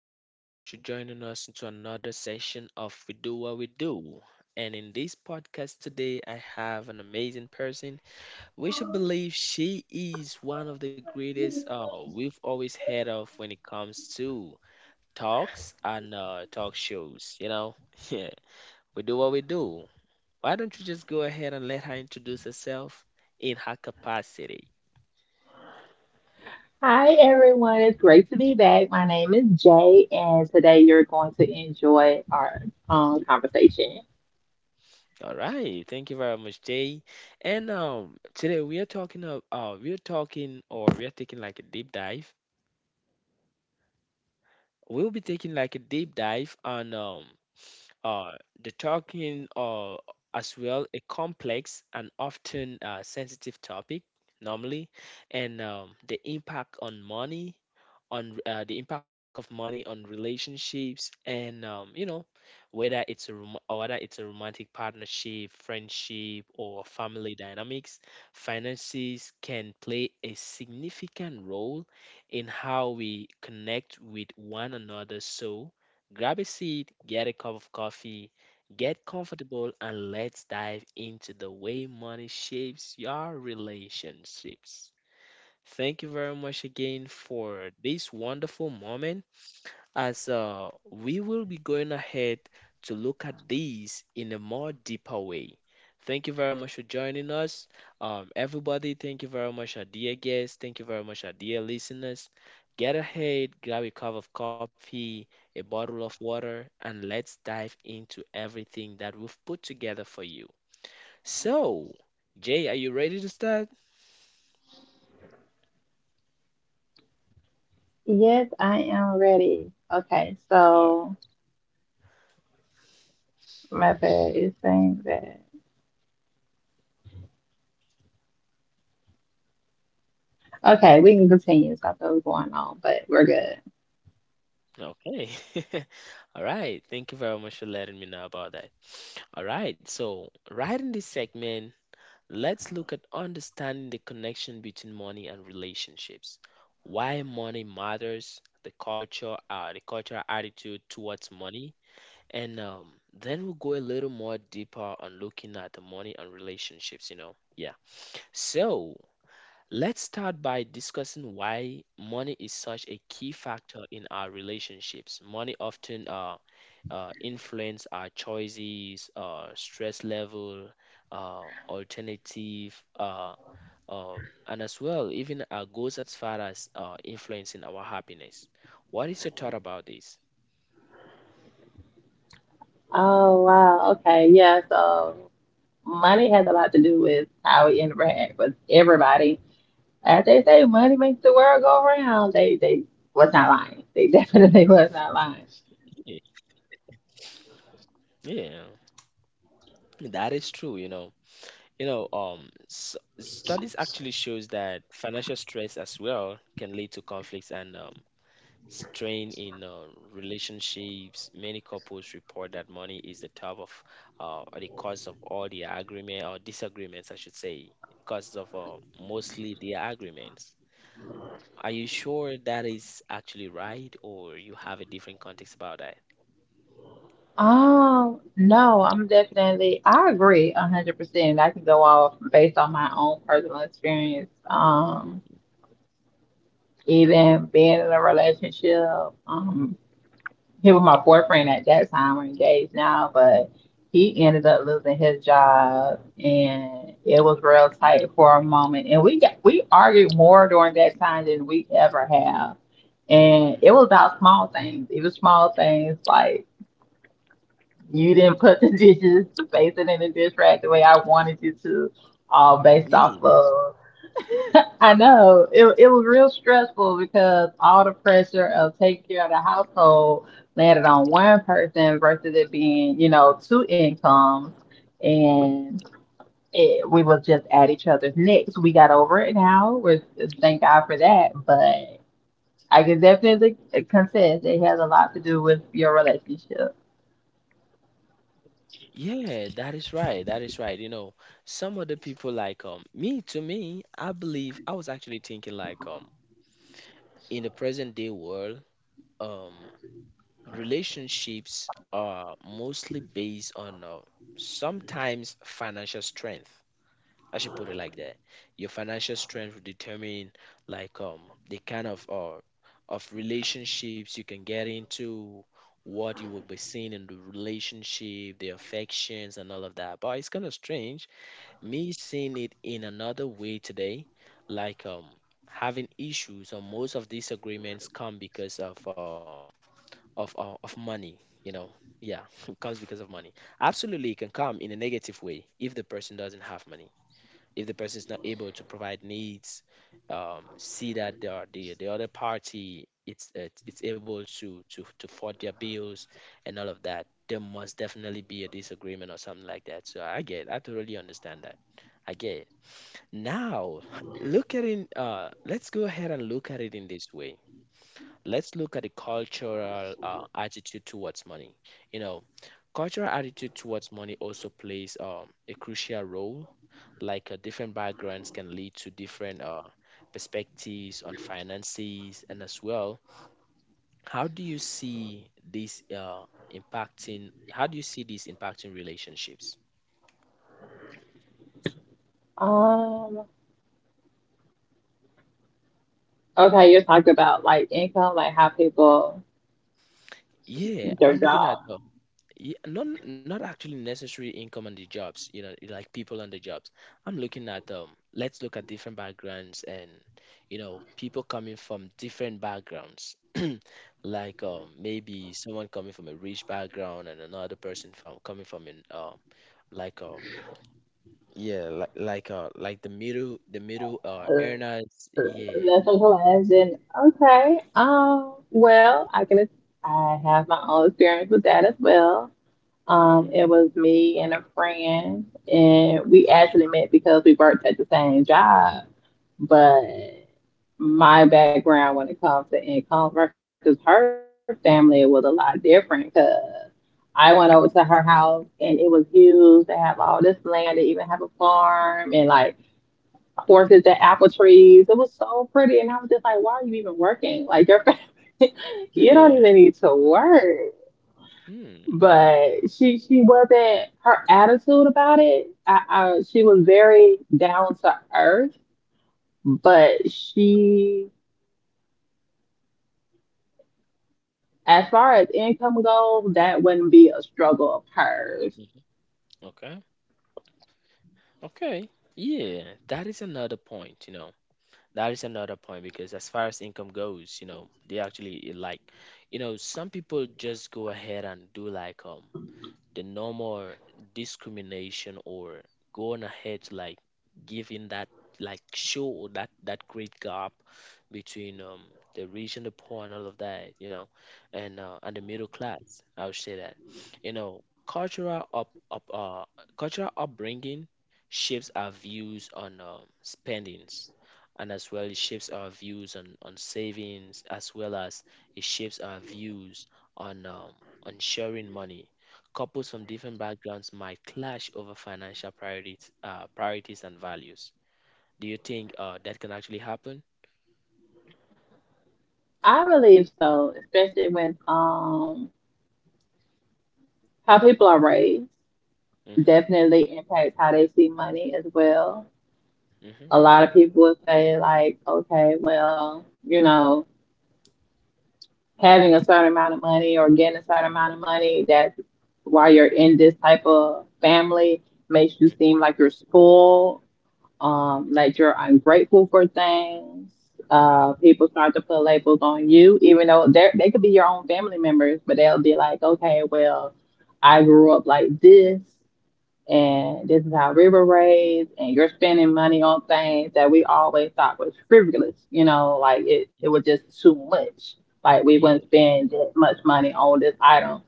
Thank you very much for joining us into another session of We Do What We Do. And in this podcast today, I have an amazing person. We should believe she is one of the greatest we've always heard of when it comes to talks and talk shows. You know, yeah, we do what we do. Why don't you just go ahead and let her introduce herself in her capacity? All right, thank you very much, Jay. And today we are talking or we are taking like a deep dive. We'll be taking like a deep dive on uh, the talking as well a complex and often sensitive topic normally, and the impact on money, on the impact of money on relationships, and whether it's a romantic partnership, friendship, or family dynamics, finances can play a significant role in how we connect with one another. So, grab a seat, get a cup of coffee, get comfortable, and let's dive into the way money shapes your relationships. Thank you very much again for this wonderful moment as we will be going ahead to look at these in a more deeper way. Thank you very much for joining us. Everybody, thank you very much, our dear guests. Thank you very much, our dear listeners. Get ahead, grab a cup of coffee, a bottle of water, and let's dive into everything that we've put together for you. So, Jay, are you ready to start? Yes, I am ready. Okay, Uh, so my bad. It's saying that. Okay, we can continue. Something was going on, but we're good. okay. All right. Thank you very much for letting me know about that. All right, so right in this segment, let's look at understanding the connection between money and relationships. Why money matters, the culture, the cultural attitude towards money, and then we'll go a little more deeper on looking at the money and relationships. You know, yeah. So, let's start by discussing why money is such a key factor in our relationships. Money often influence our choices, stress level, uh, alternative, uh, uh, and as well even our goals as far as influencing our happiness. What is your thought about this? Oh, wow. Okay, yeah. So money has a lot to do with how we interact with everybody. As they say, money makes the world go round. They was not lying. They definitely was not lying. Yeah, yeah, that is true. You know, studies actually shows that financial stress as well can lead to conflicts and strain in relationships. Many couples report that money is the top of or the cause of all the agreement or disagreements, I should say, cause of mostly the agreements. Are you sure that is actually right, or you have a different context about that? No, I'm definitely. I agree 100%. I can go off based on my own personal experience. Even being in a relationship. Um, Him and my boyfriend at that time, we're engaged now, but he ended up losing his job, and it was real tight for a moment. And we argued more during that time than we ever have, and it Hmm. was about small things. It was small things like you didn't put the dishes, space it in the dish rack the way I wanted you to, all based off Yeah, of I know it was real stressful because all the pressure of yeah. taking care of the household landed on one person versus it being, you know, two incomes. And we was just at each other's necks. We got over it now. Thank God for that. But I can definitely confess it has a lot to do with your relationship. Yeah, that is right. That is right. You know, some other people like me, to me, I believe I was actually thinking like in the present day world, um relationships are mostly based on sometimes financial strength. I should put it like that. Your financial strength will determine like the kind of relationships you can get into, what you will be seeing in the relationship, the affections, and all of that. But it's kind of strange me seeing it in another way today, like having issues or most of these agreements come because of money. You know, yeah. It comes because of money. Absolutely. It can come in a negative way if the person doesn't have money, if the person is not able to provide needs, see that the other party, it's able to foot their bills and all of that, there must definitely be a disagreement or something like that. So I get, I totally understand that. I get it now. Look at it. Let's go ahead and look at it in this way. Let's look at the cultural attitude towards money. You know, cultural attitude towards money also plays a crucial role. Like different backgrounds can lead to different perspectives on finances, and as well, how do you see this impacting? How do you see this impacting relationships? Um, okay, you're talking about like income, like how people, Yeah, I'm their looking at job. Yeah, not not actually necessary income and the jobs, you know, like people and the jobs. I'm looking at let's look at different backgrounds and you know, people coming from different backgrounds. Like maybe someone coming from a rich background and another person from coming from an like um yeah, like the middle earners, yeah. Nothing collides. And okay, well, I have my own experience with that as well. Mm-hmm, It was me and a friend, and we actually met because we worked at the same job. But my background when it comes to income versus her family was a lot different because I went over to her house and it was huge. They have all this land, they even have a farm, and like mm-hmm. horses, at the apple trees. It was so pretty. And I was just like, why are you even working? Like your family, you don't Yeah. even need to work. Hmm. But she wasn't, her attitude about it. I Mm-hmm, she was very down to earth, but she, as far as income goes, that wouldn't be a struggle of hers. mm-hmm. Okay. Okay. Yeah, that is another point, you know. That is another point because as far as income goes, you know, they actually like, you know, some people just go ahead and do like the no more discrimination or going ahead to like giving that, like show that that great gap between the rich and the poor and all of that, you know. And the middle class, I would say that, you know, cultural up, up cultural upbringing shapes our views on spendings, and as well it shapes our views on savings as well as it shapes our views on um on sharing money. Couples from different backgrounds might clash over financial priorities, priorities and values. Do you think that can actually happen? I believe so, especially with how people are raised. Mm-hmm, Definitely impacts how they see money as well. mm-hmm, A lot of people would say like, okay, well, you know, having a certain amount of money or getting a certain amount of money that, while you're in this type of family, makes you seem like you're spoiled, like you're ungrateful for things. mm-hmm, People start to put labels on you, even though they could be your own family members, but they'll be like, okay, well, I grew up like this, and this is how we were raised, and you're spending money on things that we always thought was frivolous. You know, like it was just mm-hmm. too much. Like we wouldn't Yeah, spend that much money on this item,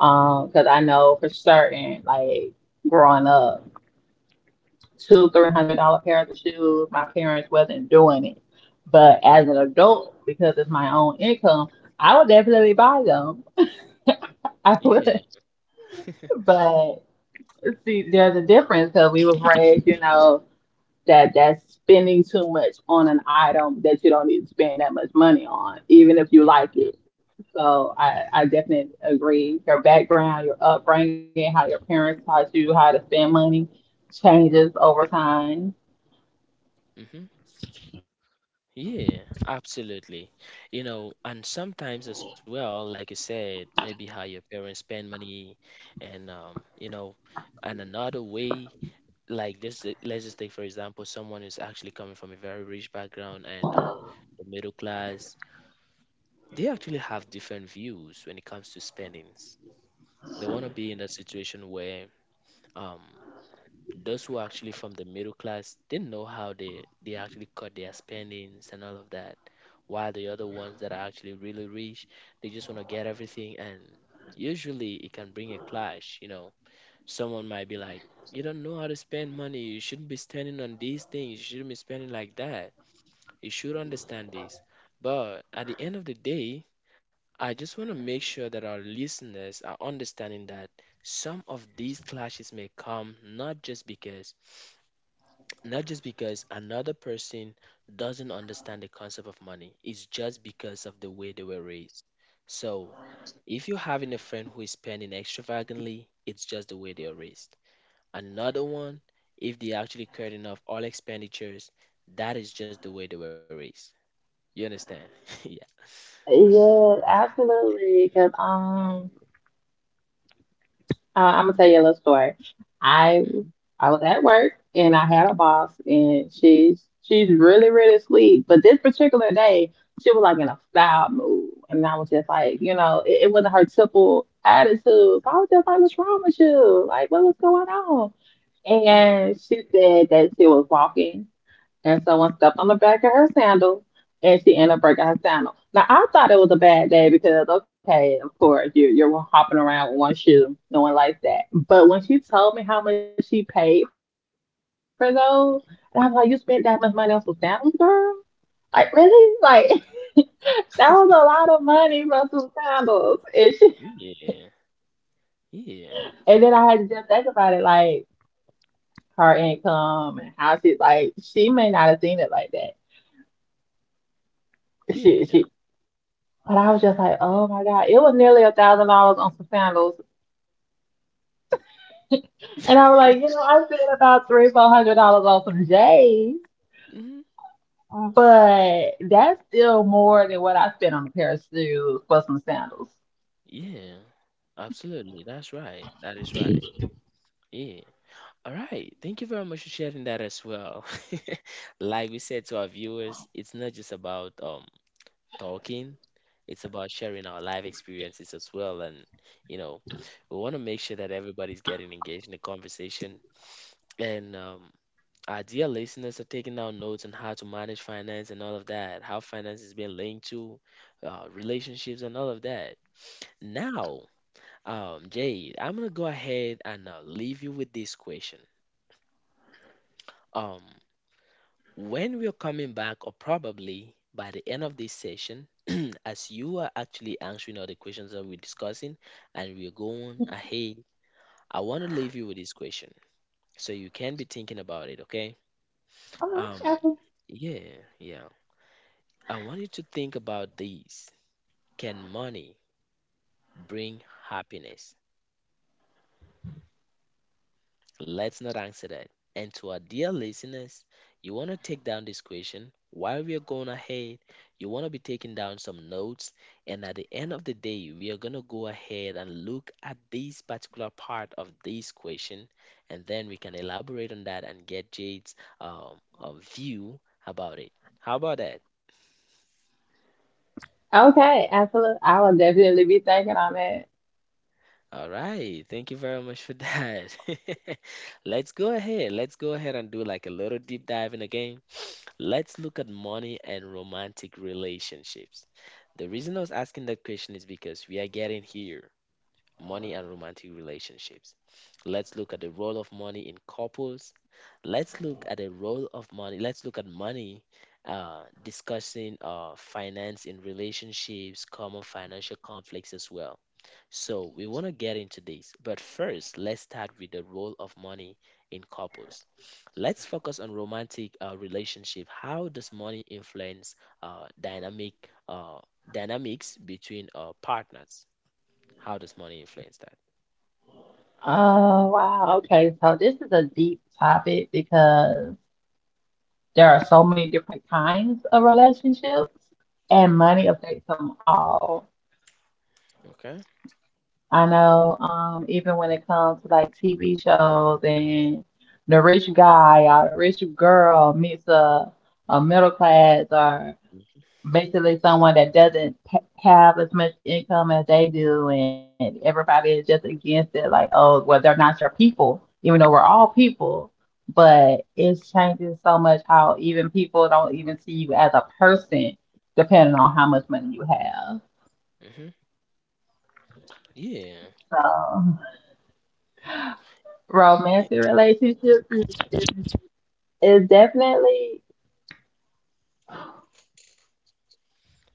because I know for certain, like growing up, two three hundred dollar pairs of shoes, my parents wasn't doing it. But as yeah, an adult, because it's my own income, I would definitely buy them. I yeah, would. But see, there's a difference because we was raised, you know, that that's spending too much on an item that you don't need to spend that much money on, even if you like yeah. it. So I definitely agree. Your background, your upbringing, how your parents taught you how to spend money changes over time. Mm-hmm. Yeah, absolutely. You know, and sometimes as well, like you said, maybe how your parents spend money and you know, and another way, like this, let's just take for example, someone who's actually coming from a very rich background and the middle class. They actually have different views when it comes to spendings. They want to be in a situation where um, those who are actually from the middle class didn't know how they actually cut their spendings and all of that. While the other ones that are actually really rich, they just want to get everything. And usually it can bring a clash. You know, someone might be like, you don't know how to spend money. You shouldn't be spending on these things. You shouldn't be spending like that. You should understand this. But at the end of the day, I just want to make sure that our listeners are understanding that some of these clashes may come not just because another person doesn't understand the concept of money. It's just because of the way they were raised. So, if you're having a friend who is spending extravagantly, it's just the way they are raised. Another one, if they actually curtain off all expenditures, that is just the way they were raised. You understand? Yeah. Yeah, absolutely. Because I'm gonna tell you a little story. I. Hmm. I was at work and I had a boss, and she's really, really sweet. But this particular day, she was like in a foul mood. And I was just like, Hmm. you know, it wasn't her typical attitude. So I was just like, what's wrong with you? Like, what was going on? Yeah. And she said that she was walking and someone stepped on the back of her sandal and she ended up breaking her sandal. Now I thought it was a bad day because, okay, of course you're hopping around with one shoe, no one likes that. But when she told me how much she paid for those, and I was like, you spent that much Mm-hmm. money on some sandals, girl? Like really? Like that was a lot of money for some sandals. And she, Yeah, and then yeah, I had to just think about it, like her income and how she's, like she may not have seen it like that. She yeah. she. But I was just like, oh my God, it was nearly $1,000 on some sandals. And I was like, you know, I spent about three, $400 on some J's, Hmm. but that's still more than what I spent on a pair of shoes for some sandals. Yeah, absolutely. That's right. That is right. Yeah. All right. Thank you very much for sharing that as well. Like we said to our viewers, it's not just about talking, it's about sharing our life experiences as well. And you know, we want to make sure that everybody's getting engaged in the conversation. And our dear listeners are taking down notes on how to manage finance and all of that, how finance is being linked to relationships and all of that. Now, Jade, I'm gonna go ahead and leave you with this question. Um, when we're coming back, or probably by the end of this session, as you are actually answering all the questions that we're discussing, and we're going ahead, I want to leave you with this question so you can be thinking about it. Okay? Oh, Um, okay. yeah, yeah. I want you to think about these. Can money bring happiness? Let's not answer that. And to our dear listeners, you want to take down this question while we are going ahead. You want to be taking down some notes. And at the end of the day, we are going to go ahead and look at this particular part of this question. And then we can elaborate on that and get Jade's view about it. How about that? Okay, absolutely. I will definitely be thinking on that. All right. Thank you very much for that. Let's go ahead. Let's go ahead and do like a little deep dive in the game. Let's look at money and romantic relationships. The reason I was asking that question is because we are getting here money and romantic relationships. Let's look at the role of money in couples. Let's look at the role of money. Let's look at money discussing finance in relationships, common financial conflicts as well. So, we want to get into this, but first, let's start with the role of money in couples. Let's focus on romantic relationship. How does money influence uh, dynamic uh, dynamics between partners? How does money influence that? Oh, wow. Okay, so this is a deep topic because there are so many different kinds of relationships, and Hmm. money affects them all. Okay. I know, even when it comes to like TV shows and the rich guy or the rich girl meets a middle class, or basically someone that doesn't ha- have as much income as they do, and everybody is just against it, like, oh, well, they're not your people, even though we're all people. But it's changing so much how even people don't even see you as a person, depending Mm-hmm. on how much money you have. Mm-hmm. Yeah. So, romantic relationship is, is definitely,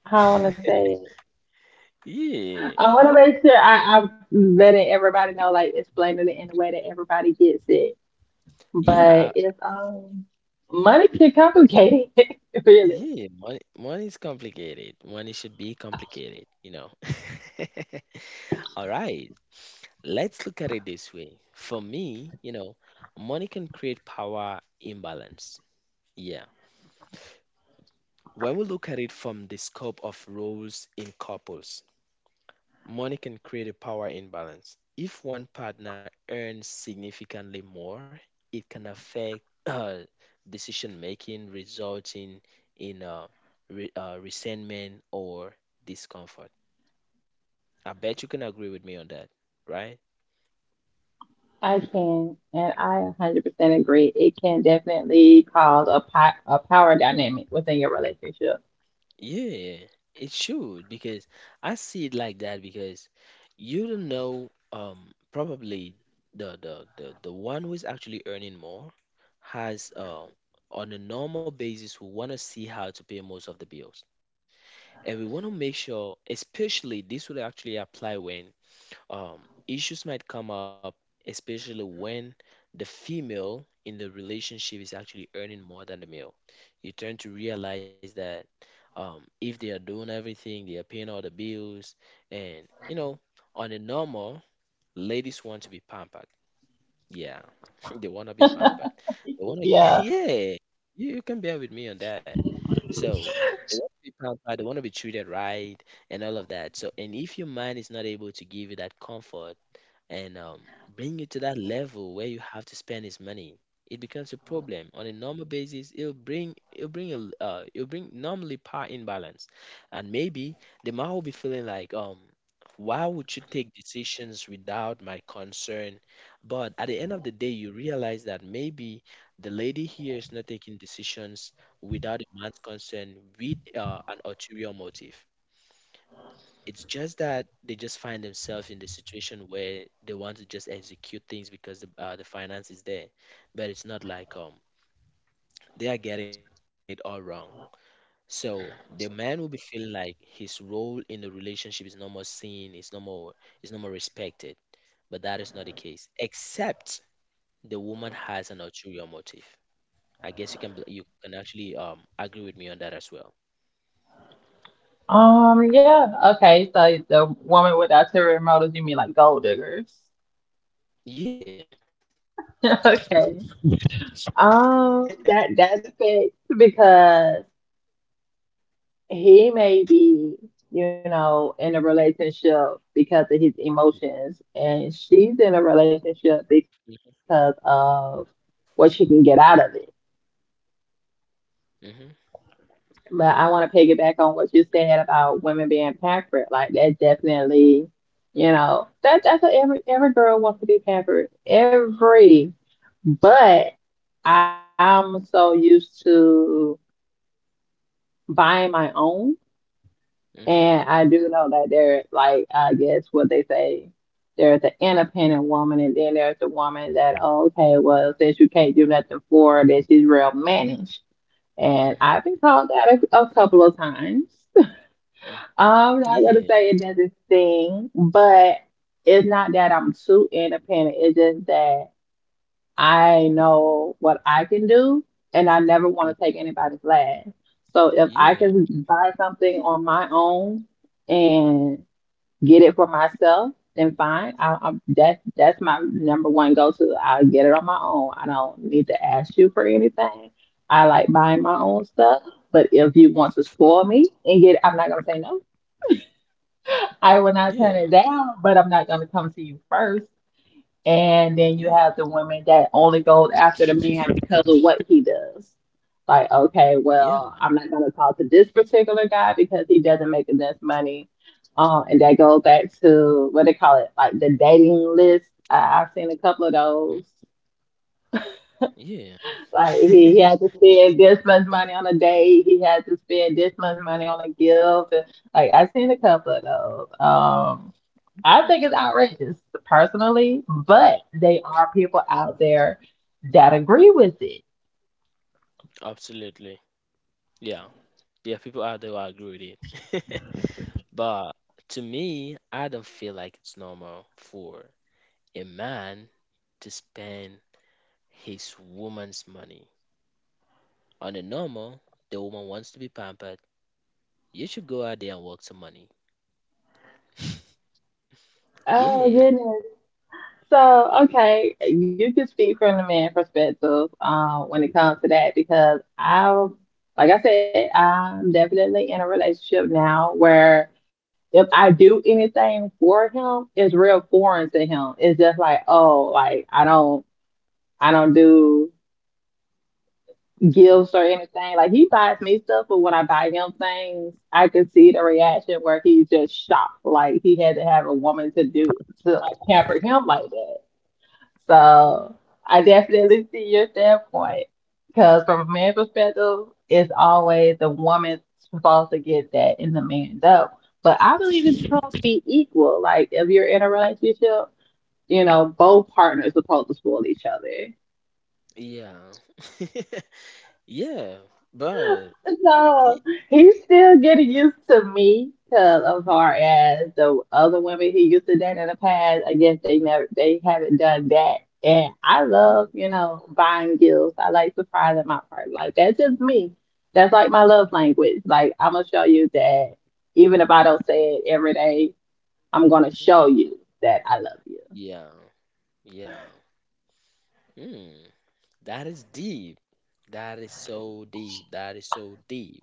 how I want to say it. Yeah. I want to Ah, make sure I'm letting everybody know, like explaining it in a way that everybody gets it. But yeah. It's money can complicate it, really. yeah. Money is complicated. Money should be complicated, you know. All right. Let's look at it this way. For me, you know, money can create power imbalance. Yeah. When we look at it from the scope of roles in couples, money can create a power imbalance. If one partner earns significantly more, it can affect decision making, resulting in resentment or discomfort. I bet you can agree with me on that, right? I can, and I 100% agree. It can definitely cause a po a power dynamic within your relationship. Yeah, it should because I see it like that because you don't know probably the one who is actually earning more has on a normal basis who want to see how to pay most of the bills. And we want to make sure, especially this would actually apply when issues might come up, especially when the female in the relationship is actually earning more than the male. You turn to realize that if they are doing everything, they are paying all the bills, and you know, on a normal, ladies want to be pampered. Yeah, they want to be pampered. They want to, Yeah. yeah, you can bear with me on that. So they want to be pampered, they want to be treated right, and all of that. So, and if your man is not able to give you that comfort, and bring you to that level where you have to spend his money. It becomes a problem on a normal basis. It'll bring a it'll bring normally power imbalance, and maybe the man will be feeling like why would you take decisions without my concern? But at the end of the day, you realize that maybe the lady here is not taking decisions without a man's concern with an ulterior motive. It's just that they just find themselves in the situation where they want to just execute things because the finance is there, but it's not like they are getting it all wrong. So the man will be feeling like his role in the relationship is no more seen, it's no more respected. But that is not the case, except the woman has an ulterior motive. I guess you can you can actually agree with me on that as well. Yeah. Okay. So the woman with ulterior motives, you mean like gold diggers? Yeah. Okay. That that affects because he may be, you know, in a relationship because of his emotions, and she's Mhm. in a relationship because of what she can get out of it. Mhm. But I want to piggyback on what you said about women being pampered. Like that definitely, you know, that that's what every girl wants to be pampered. Every, but I'm so used to buying my own. Mhm. And I do know that there, like, I guess what they say, there's an independent woman, and then there's the woman that, oh, okay, well, since you can't do nothing for her, then she's real managed. And Mhm. I've been called that a couple of times. Mhm. I'm not gonna Yeah. say it doesn't sting, but it's not that I'm too independent. It's just that I know what I can do, and I never Mm. want to take anybody's last. So if I Yeah. can buy something on my own, and get it for myself, then fine. That's my number one go to. I get it on my own. I don't need to Mhm. ask you for anything. I like buying my own stuff. But if you want to spoil me and get, I'm not gonna say no. I Yeah, will not turn it down. But I'm not gonna come to you first. And then you yeah, have the women that only goes after the man because of what he does. Like, okay, yeah, well, I'm not gonna talk to this particular guy because he doesn't make enough money. And that goes back to what they call it, like the dating list. I've seen a couple of mhm, those. yeah, Like he had to spend this much money on a date. He had to spend this much money on a gift. And, like I've seen a couple of those. I think it's outrageous personally, yeah, but they are people out there that agree with it. absolutely. Yeah, yeah, people out there will agree with it. But to me, I don't feel like it's normal for a man to spend his woman's money. On a normal, the woman wants to be pampered. You should go out there and work some money. Oh Yeah. goodness! So, okay, you can speak from the man perspective when it comes to that because I, like I said, I'm definitely in a relationship now where if I do anything for him, it's real foreign to him. It's just like, oh, like I don't do Hmm. gifts or anything. Like he buys me stuff, but when I buy him things, I can see the reaction where he's just shocked. Like he had to have a woman to do to like pamper him like that. Hmm. So I definitely see your standpoint, because from a man's perspective, it's always the woman's supposed to get that and the man don't. But I believe it's supposed to be equal. Like if you're in a relationship, you know, both partners supposed to spoil each other. Yeah. Yeah. But. No, he's still getting used to me because as far as the other women he used to date in the past, I guess they haven't done that. And I Mm-hmm. love, you know, buying gifts. I like surprising my partner. Like that's just me. That's like my love language. Like I'm gonna show you that even if I don't say it every day, I'm gonna show you that I love you. Yeah. Yeah. Hmm. That is deep. That is so deep. That is so deep.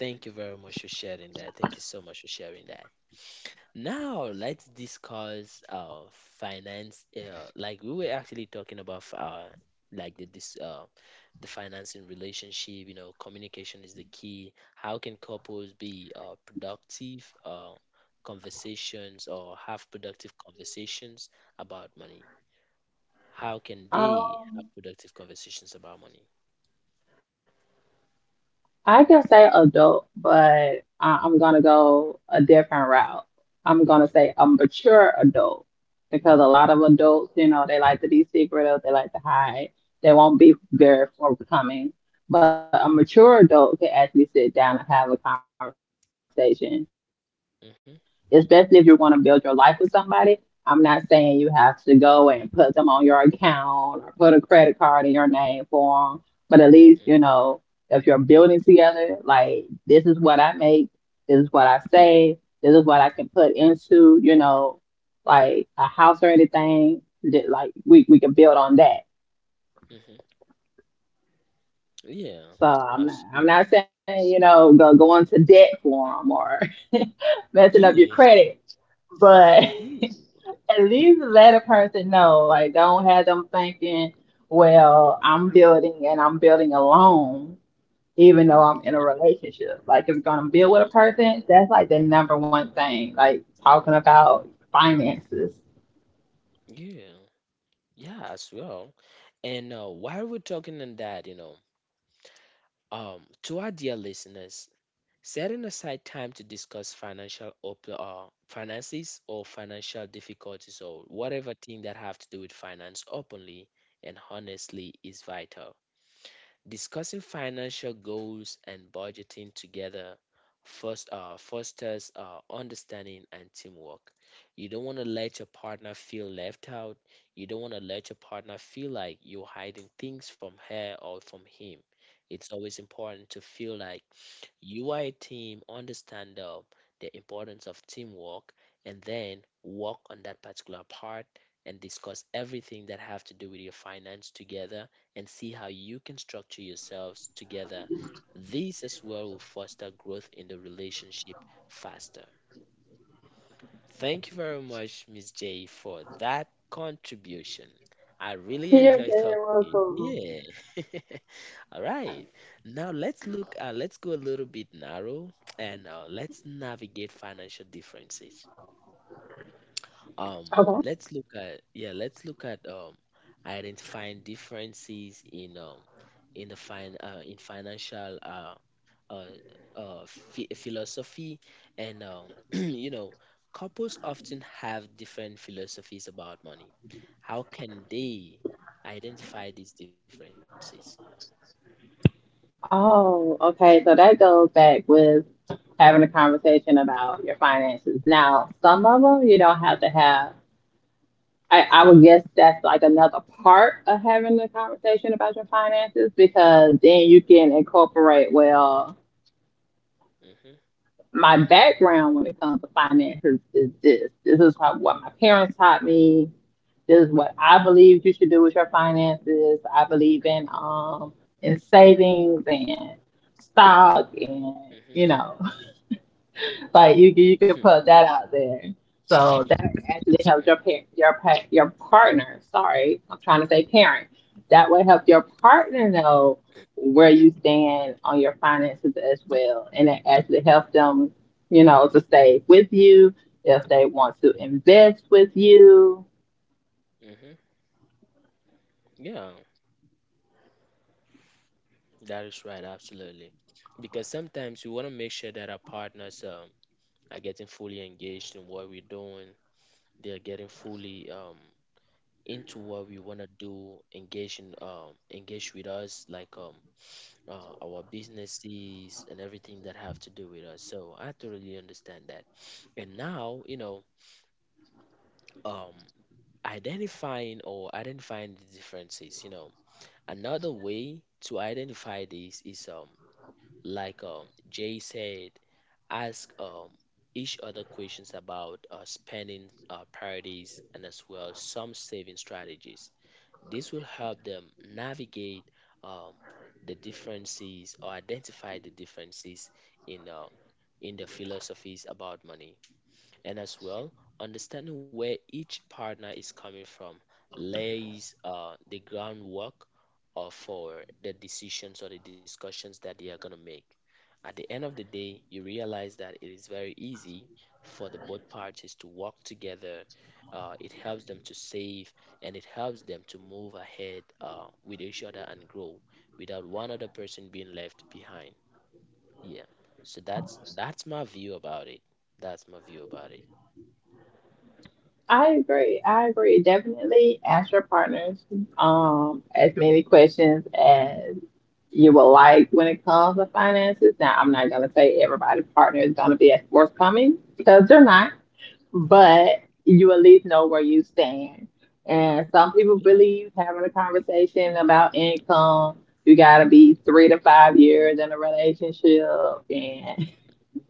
Thank you very much for sharing that. Thank you so much for sharing that. Now let's discuss finance. Like we were actually talking about like the this the financing relationship. You know, communication is the key. How can couples be productive conversations or have productive conversations about money? How can they have Um, productive conversations about money? I can say adult, but I'm gonna go a different route. I'm gonna Mm, say a mature adult because a mm, lot of adults, you know, they like to be secretive, they like to hide, they won't mm, be very forthcoming. But a mature adult can actually sit down and have a conversation, especially if you want to build your mhm, life with somebody. I'm not saying you have to go and put them on your account or put a credit card in your name for them, but at least, you know, mm, if you're building together, like this is what I make, this is what I save, this is what I can put into, you know, like a house or anything. That, like we can build on that. mhm. Yeah, So I'm not absolutely. I'm not saying, you know, go into debt for them or messing up your Yeah, credit, but yeah. at least let a person know. Like don't have them thinking, well, Mm-hmm. I'm building and I'm building alone even though Mm-hmm. I'm in a relationship. Like if you're gonna Yeah, build with a person, that's like the number one thing. Like talking about finances. yeah, yeah, as well. And while we're talking on that, you know, to our dear listeners, setting aside time to discuss finances or financial difficulties or whatever thing that have to do with finance openly and honestly is vital. Discussing financial goals and budgeting together first fosters understanding and teamwork. You don't want to let your partner feel left out. You don't want to let your partner feel like you're hiding things from her or from him. It's always important to feel like UI team understand the importance of teamwork and then work on that particular part and discuss everything that have to do with your finance together and see how you can structure yourselves together. This as well will foster growth in the relationship faster. Thank you very much, Miss J, for that contribution. I really enjoy talking to you. Yeah. All right. Now let's go a little bit narrow and let's navigate financial differences. Um, let's look at yeah, let's look at identifying differences in the fin in financial uh, philosophy and you know couples often have different philosophies about money. How can they identify these differences? Oh, okay. So that goes back with having a conversation about your finances. Now, some of them you don't have to have. I would guess that's like another part of having a conversation about your finances, because then you can incorporate, well, my background when it comes to finances is this. This is how, what my parents taught me. This is what I believe you should do with your finances. I believe in savings and stock and, Hmm. you know, like you Hmm. can put that out there. So that actually helps your your partner. Sorry, I'm trying to say parent. That will help your partner know where you stand on your finances as well, and it actually helps them, you know, to stay with you if they want to invest with you. Yeah, that is right, absolutely. Because sometimes we want to make sure that our partners are getting fully engaged in what we're doing. They're getting fully into what we want to do, engage in, engage with us, like our businesses and everything that have to do with us. So I totally understand that. And now, you know, um, identifying or identifying the differences, you know, another way to identify these is like Jay said, ask each other questions about spending priorities and as well some saving strategies. This will help them navigate um, the differences or identify the differences in uh, in the philosophies about money. And as well, understanding where each partner is coming from lays the groundwork for the decisions or the discussions that they are going to make. At the end of the day, you realize that it is very easy for the both parties to work together. It helps them to save and it helps them to move ahead with each other and grow without one other person being left behind. Yeah. So that's my view about it. That's my view about it. I agree. I agree. Definitely ask your partners as many questions as you would like when it comes to finances. Now, I'm not gonna say everybody's partner is gonna be as forthcoming because they're not, Mm. but you at least know where you stand. And some people Yeah. believe having a conversation about income, you gotta be 3 to 5 years in a relationship, and. Mhm.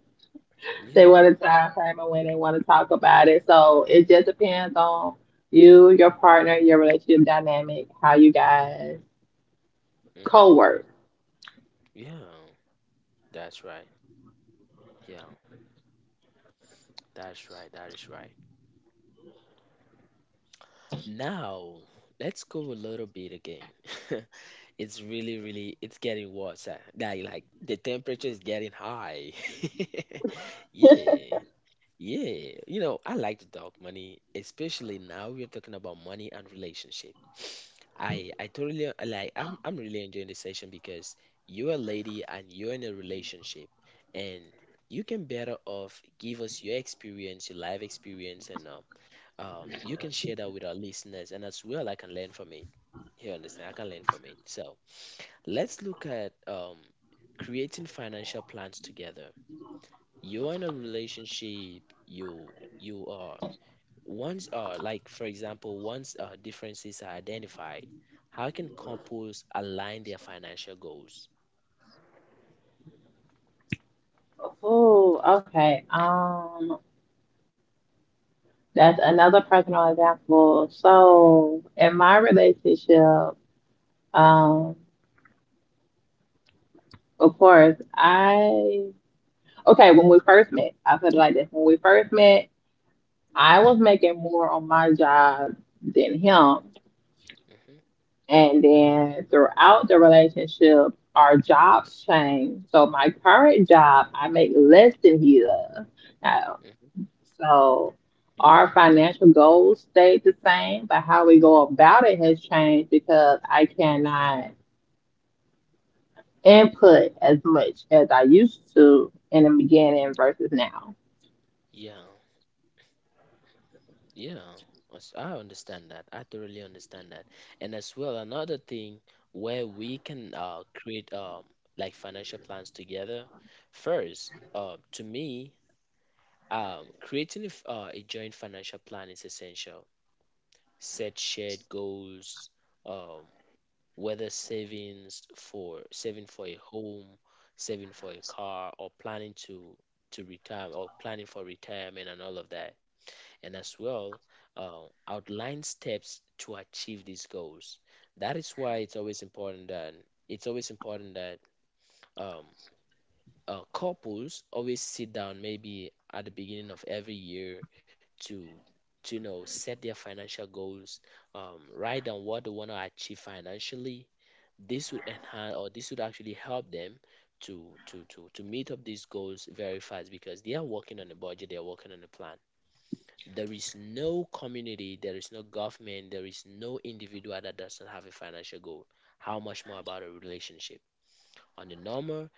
They Yeah. want a time frame of when they want to talk about it. So it just depends on you, your partner, your relationship dynamic, how you guys Hmm. co-work. Yeah. That's right. Yeah. That's right. That is right. Now, let's go a little bit again. It's really, really, it's getting worse. Like the temperature is getting high. Yeah. Yeah. You know, I like to talk money, especially now we're talking about money and relationship. I totally like I'm really enjoying this session because you're a lady and you're in a relationship and you can better off give us your experience, your life experience, and you can share that with our listeners and as well I can learn from it. You understand? I can learn from it. So let's look at creating financial plans together. You're in a relationship, you are once, like for example, once differences are identified, how can couples align their financial goals? Oh, okay. That's another personal example. So in my relationship, um, of course, I okay, when we first met, I put it like this. When we first met, I was Hmm. making more on my job than him. Hmm. And then throughout the relationship, our jobs change. So my current job, I make less than he does. Now, Hmm. so our financial goals stayed the same, but how we go about it has changed because I cannot input as much as I used to in the beginning versus now. Yeah, yeah. I understand that. I thoroughly understand that. And as well, another thing where we can create like financial plans together. First, to me, creating a a joint financial plan is essential. Set shared goals. Um, whether saving for a home, saving for a car, or planning to retire or planning for retirement and all of that. And as well, outline steps to achieve these goals. That is why it's always important that um, couples always sit down maybe at the beginning of every year to to you know set their financial goals, write down what they want to achieve financially. This would enhance or this would actually help them to meet up these goals very fast because they are working on a budget, they are working on a plan. There is no community, there is no government, there is no individual that doesn't have a financial goal. How much more about a relationship? On the normal,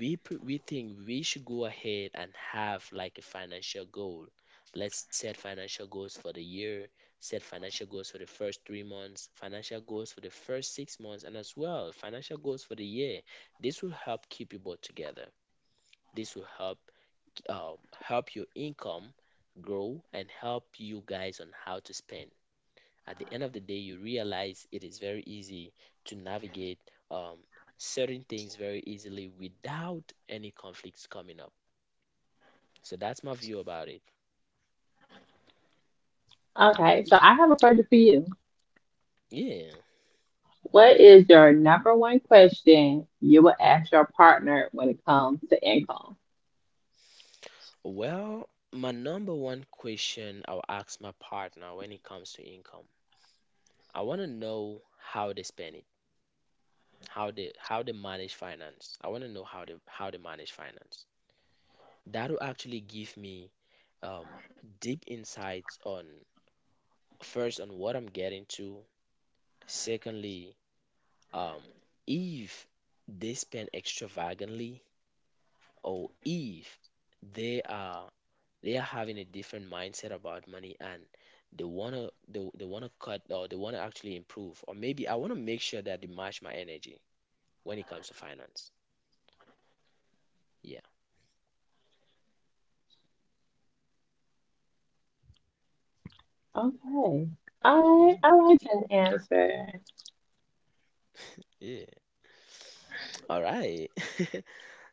we think we should go ahead and have like a financial goal. Let's set financial goals for the year. Set financial goals for the first 3 months, financial goals for the first 6 months, and as well financial goals for the year. This will help keep you both together. This will help help your income grow and help you guys on how to spend. At the end of the day, you realize it is very easy to navigate um, certain things very easily without any conflicts coming up. So that's my view about it. Okay, so I have a question for you. Yeah. What is your number one question you would ask your partner when it comes to income? Well, my number one question I'll ask my partner when it comes to income, I want to know how they spend it, how they manage finance. I want to know how they manage finance. That will actually give me um, deep insights on first on what I'm getting to. Secondly, um, if they spend extravagantly, or if they are they are having a different mindset about money, and they wanna cut, or they wanna actually improve, or maybe I wanna make sure that they match my energy when it comes to finance. Yeah. Okay. I Yeah, I like an answer. yeah. All right.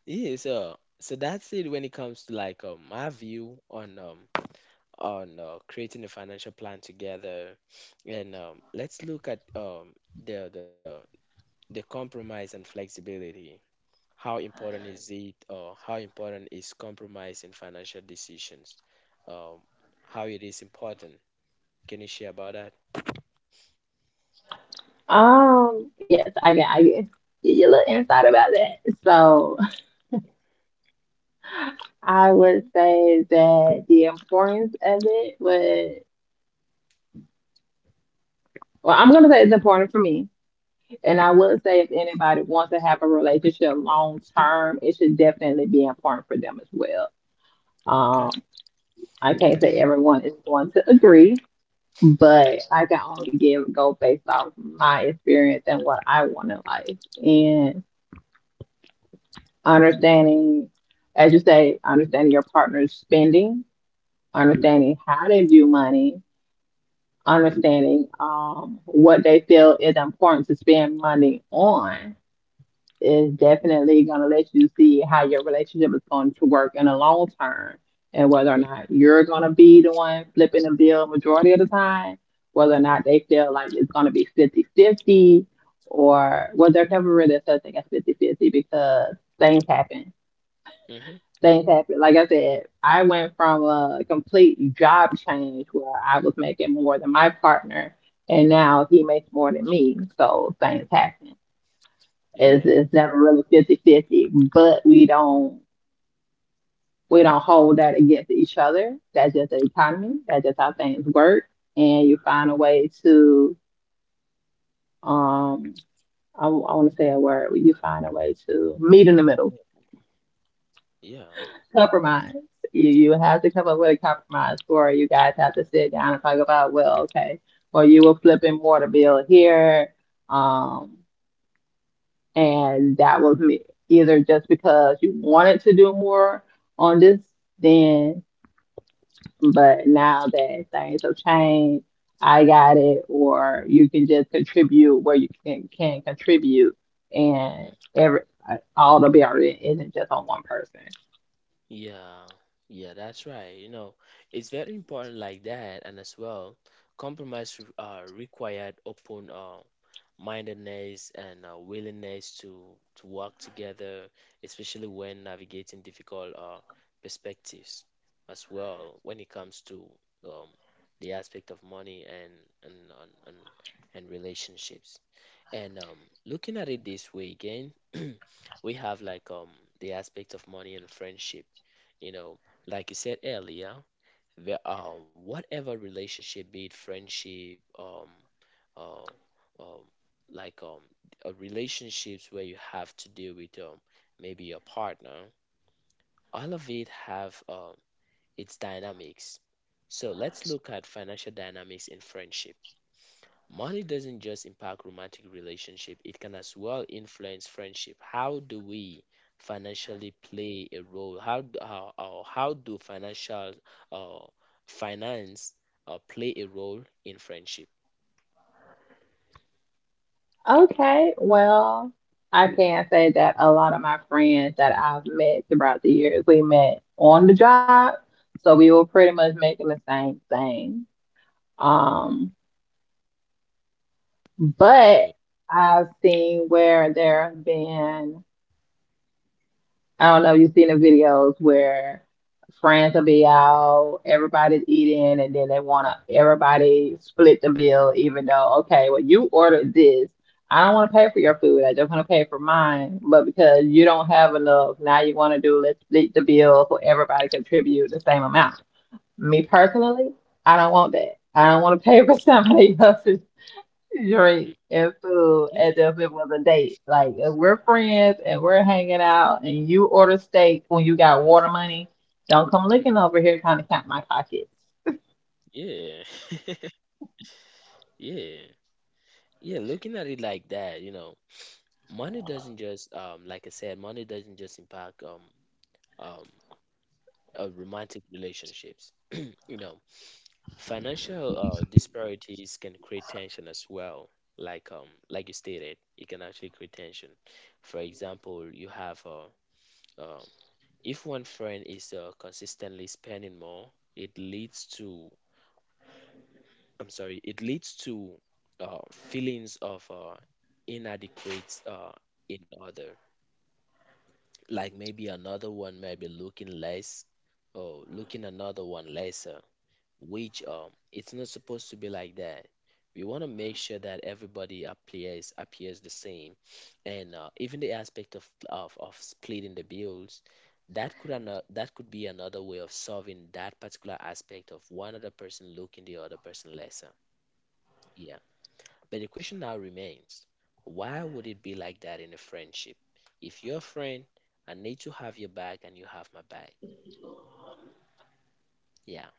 Yeah, so that's it when it comes to like my view on creating a financial plan together. And let's look at the, the the compromise and flexibility. How important is it, or how important is compromise in financial decisions? um, how it is important? Can you share about that? Yes, get your little insight about that. So I would say that the importance of it would, well, I'm gonna say it's important for me. And I Mm-hmm. would say if anybody wants to have a relationship long term, it should definitely be important for them as well. Okay. Um, I can't say everyone is going to agree, mm-hmm. but I can only give a go based off my experience and what I want in life. And understanding, as you say, understanding your partner's spending, Mm-hmm. understanding how they view money, Mm-hmm. understanding what they feel is important to spend money on is definitely going to let you see how your relationship is going to work in the long term and whether or Mm-hmm. not you're going to be the one flipping the bill majority of the time, whether or not they feel like it's going to be 50-50, or, well, there's never really a such thing as 50-50, because things happen. Mm-hmm. Things happen. Like I said, I went from a complete job change where I was making more than my partner, and now he makes more than me. So things happen. It's, Yeah. it's never really 50 50, but we don't hold that against each other. That's just the economy. That's just how things work. And you find a way to um I, want to say a word. Well, you find a way to meet in the middle, Yeah. compromise. You have to come up with a compromise, or you guys have to sit down and talk about, well, okay, well you will flipping in water bill here. Um, and that was me. Either just because you wanted to do more on this then, but now that things have changed, I got it, or you can just contribute where can contribute, and Yeah. every all the burden isn't just on one person. Yeah, yeah, that's right. You know, it's very important like that, and as well, compromise required open mindedness and willingness to work together, especially when navigating difficult perspectives. As well, when it comes to um, the aspect of money and and and and, and relationships, and looking at it this way again, we have like the aspect of money and friendship, you know, like you said earlier, where whatever relationship, be it friendship uh, um like um relationships where you have to deal with maybe your partner, all of it have its dynamics. So let's look at financial dynamics in friendship. Money doesn't just impact romantic relationship, it can as well influence friendship. How do we financially play a role? How d- How do financial uh, finance play a role in friendship? Okay, well, I can say that a lot of my friends that I've met throughout the years, we met on the job, so we were pretty much making the same thing. Um, Yeah. But I've seen where there have been, I don't know, you've seen the videos where friends will be out, everybody's eating, and then they want to everybody split the bill, even though, okay, well, you ordered this. I don't want to pay for your food. I just want to pay for mine. But because you don't have enough, now you want to do let's split the bill so everybody contribute the same amount. Me Hmm. personally, I don't want that. I don't want to pay for somebody else's drink and food Yeah. as if it was a date. Like if we're friends and we're hanging out, and you order steak when you got water money. Don't come Mhm. looking over here trying to count my pockets. Yeah. Yeah. Yeah. Looking at it like that, you know, money doesn't just impact um romantic relationships. You know, Financial disparities can create tension as well. Like you stated, it can actually create tension. For example, you have uh, if one friend is consistently spending more, it leads to feelings of inadequate in other. Like maybe another one may be looking less, or looking another one lesser, which it's not supposed to be like that. We want to make sure that everybody appears the same, and even the aspect of, of splitting the bills, that could be another way of solving that particular aspect of one other person looking the other person lesser. Yeah, but the question now remains: why would it be like that in a friendship? If you're a friend, I need to have your back, and you have my back. Yeah,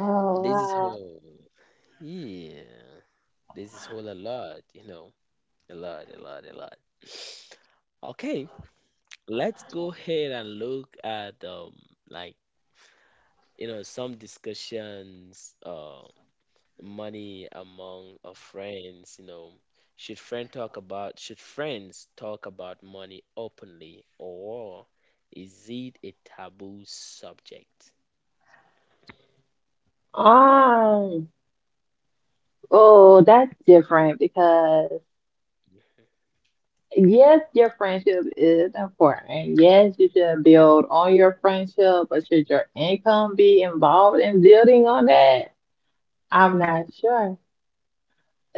this is how. Yeah. This is whole a lot, you know, a lot, a lot, a lot. Okay, let's go ahead and look at like you know, some discussions, money among friends, you know. Should friends talk about money openly, or is it a taboo subject? wow. Oh, that's different because yes, your friendship is important. Yes, you should build on your friendship, but should your income be involved in building on that? I'm not sure.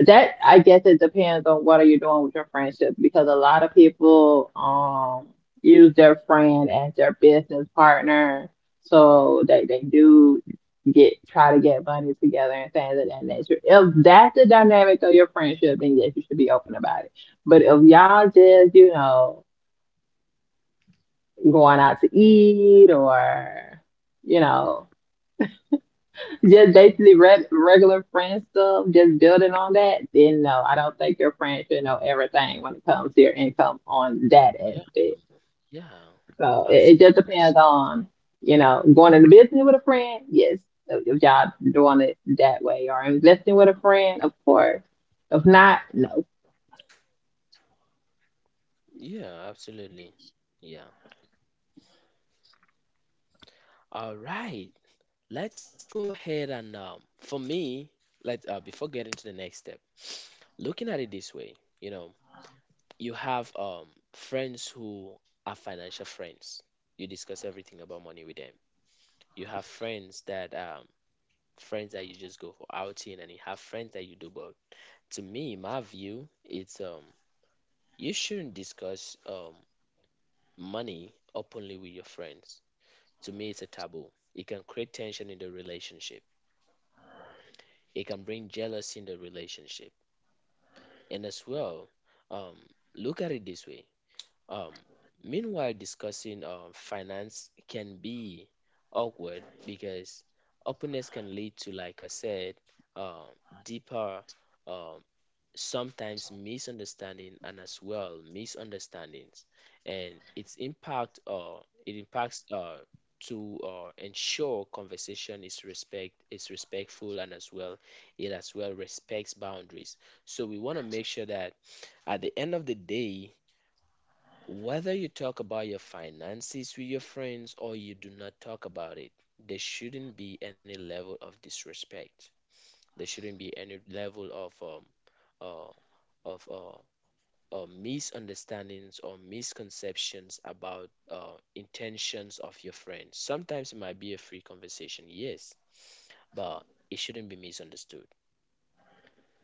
That I guess it depends on what are you doing with your friendship, because a lot of people use their friend as their business partner, Mm-hmm. so they do get try to get money together and things of that nature. If that's the dynamic of your friendship, then yes, you should be open about it. But if y'all just, you know, going out to eat or, you know. Just Mm-hmm. Mm-hmm. basically regular friend stuff, just building on that, then no, I don't think your friend should know everything when it comes to your income on that Yeah. aspect. Yeah. So it just Absolutely. depends on, you know, going into business with a friend, yes, if y'all doing it that way, or investing with a friend, of course. If not, no. Yeah, absolutely. Yeah. All right. Let's go ahead and for me, let before getting to the next step, looking at it this way, you know, you have friends who are financial friends. You discuss everything about money with them. You have friends that you just go for outing, and you have friends that you do both. To me, my view, it's you shouldn't discuss money openly with your friends. To me, it's a taboo. It can create tension in the relationship. It can bring jealousy in the relationship. And as well, um, look at it this way. Um, meanwhile, discussing finance can be awkward because openness can lead to, like I said, um, deeper um, sometimes misunderstanding, and as well misunderstandings and its impact it impacts to ensure conversation is respectful, and as well it as well respects boundaries. So we want to make sure that at the end of the day, whether you talk about your finances with your friends or you do not talk about it, there shouldn't be any level of disrespect, there shouldn't be any level of uh, of uh, misunderstandings or misconceptions about intentions of your friends. Sometimes it might be a free conversation, yes, but it shouldn't be misunderstood.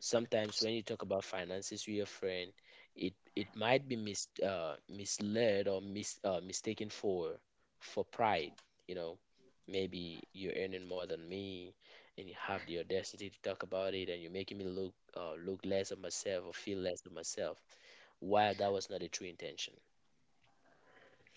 Sometimes when you talk about finances with your friend, it might be misled or mistaken for pride. You know, maybe you're earning more than me, and you have the audacity to talk about it, and you're making me look less of myself or feel less of myself, while that was not a true intention.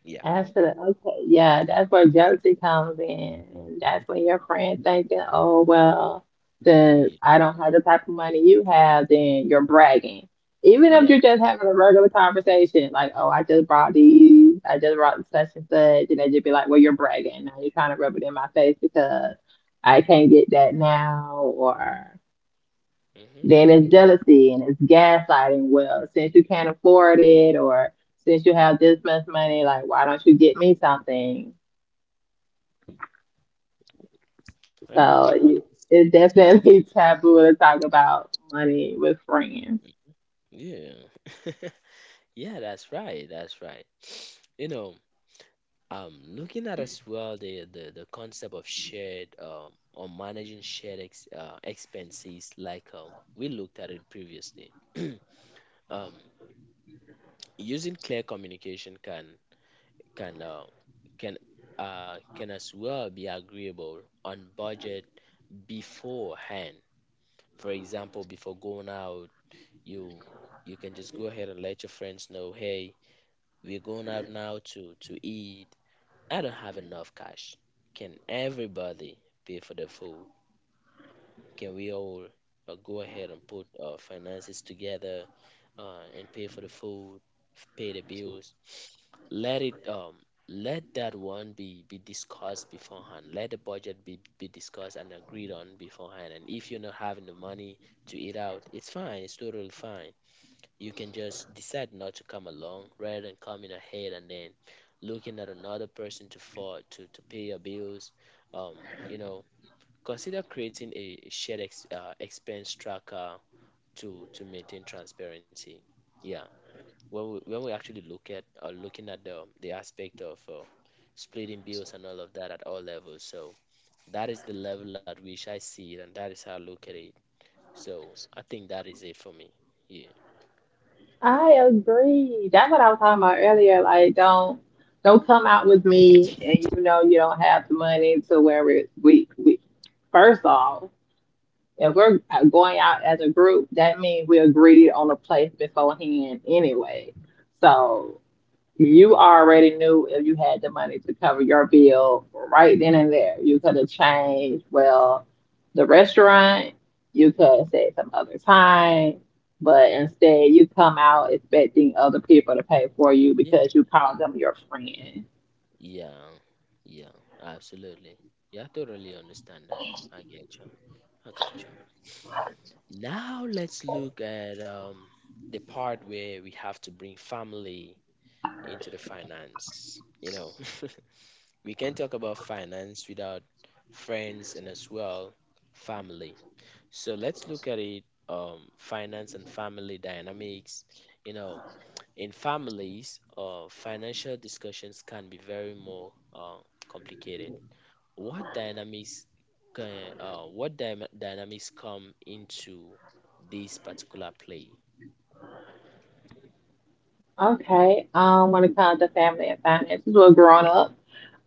Yeah. Okay, yeah, that's where jealousy comes in. And that's when your friend thinking, oh, well, since Yeah. I don't have the type of money you have, then you're bragging. Even if Yeah. you're just having a regular conversation, like, oh, I just brought these, I just brought such and such, and they just be like, well, you're bragging. Now you're trying to rub it in my face because I can't get that now, or Mm-hmm. then it's jealousy and it's gaslighting. Well, since you can't afford it, or since you have this much money, like why don't you get me something? Yeah. So Hundred it- percent. it's definitely taboo to talk about money with friends. Yeah. Yeah. That's right. That's right. You know, looking at as well the concept of shared or managing shared expenses like we looked at it previously. Um, using clear communication can can uh, can can as well be agreeable on budget beforehand. For example, before going out, you you can just go ahead and let your friends know, hey, we're going out now to eat. I don't have enough cash. Can everybody pay for the food? Can we all go ahead and put our finances together and pay for the food, pay the bills? Let it let that one be discussed beforehand. Let the budget be discussed and agreed on beforehand. And if you're not having the money to eat out, it's fine. It's totally fine. You can just decide not to come along rather than coming ahead and then looking at another person to to pay your bills. Um, you know, consider creating a shared expense tracker to maintain transparency. Yeah, when when we actually look at looking at the aspect of splitting bills and all of that at all levels. So that is the level at which I see it, and that is how I look at it. So I think that is it for me. Yeah. I agree. That's what I was talking about earlier. Like, don't come out with me and you know you don't have the money to where it, we first off. If we're going out as a group, that means we agreed on a place beforehand anyway. So you already knew if you had the money to cover your bill right then and there. You could have changed, well, the restaurant, you could have said some other time, but instead you come out expecting other people to pay for you because you called them your friend. Yeah, yeah, absolutely. Yeah, I totally understand that. I get you. I got you. Now let's look at the part where we have to bring family into the finance. You know, we can't talk about finance without friends and as well family. So let's look at it finance and family dynamics. You know, in families, financial discussions can be very more complicated. what dynamics what dynamics come into this particular play? Okay, when it comes to family and finances, we're grown up.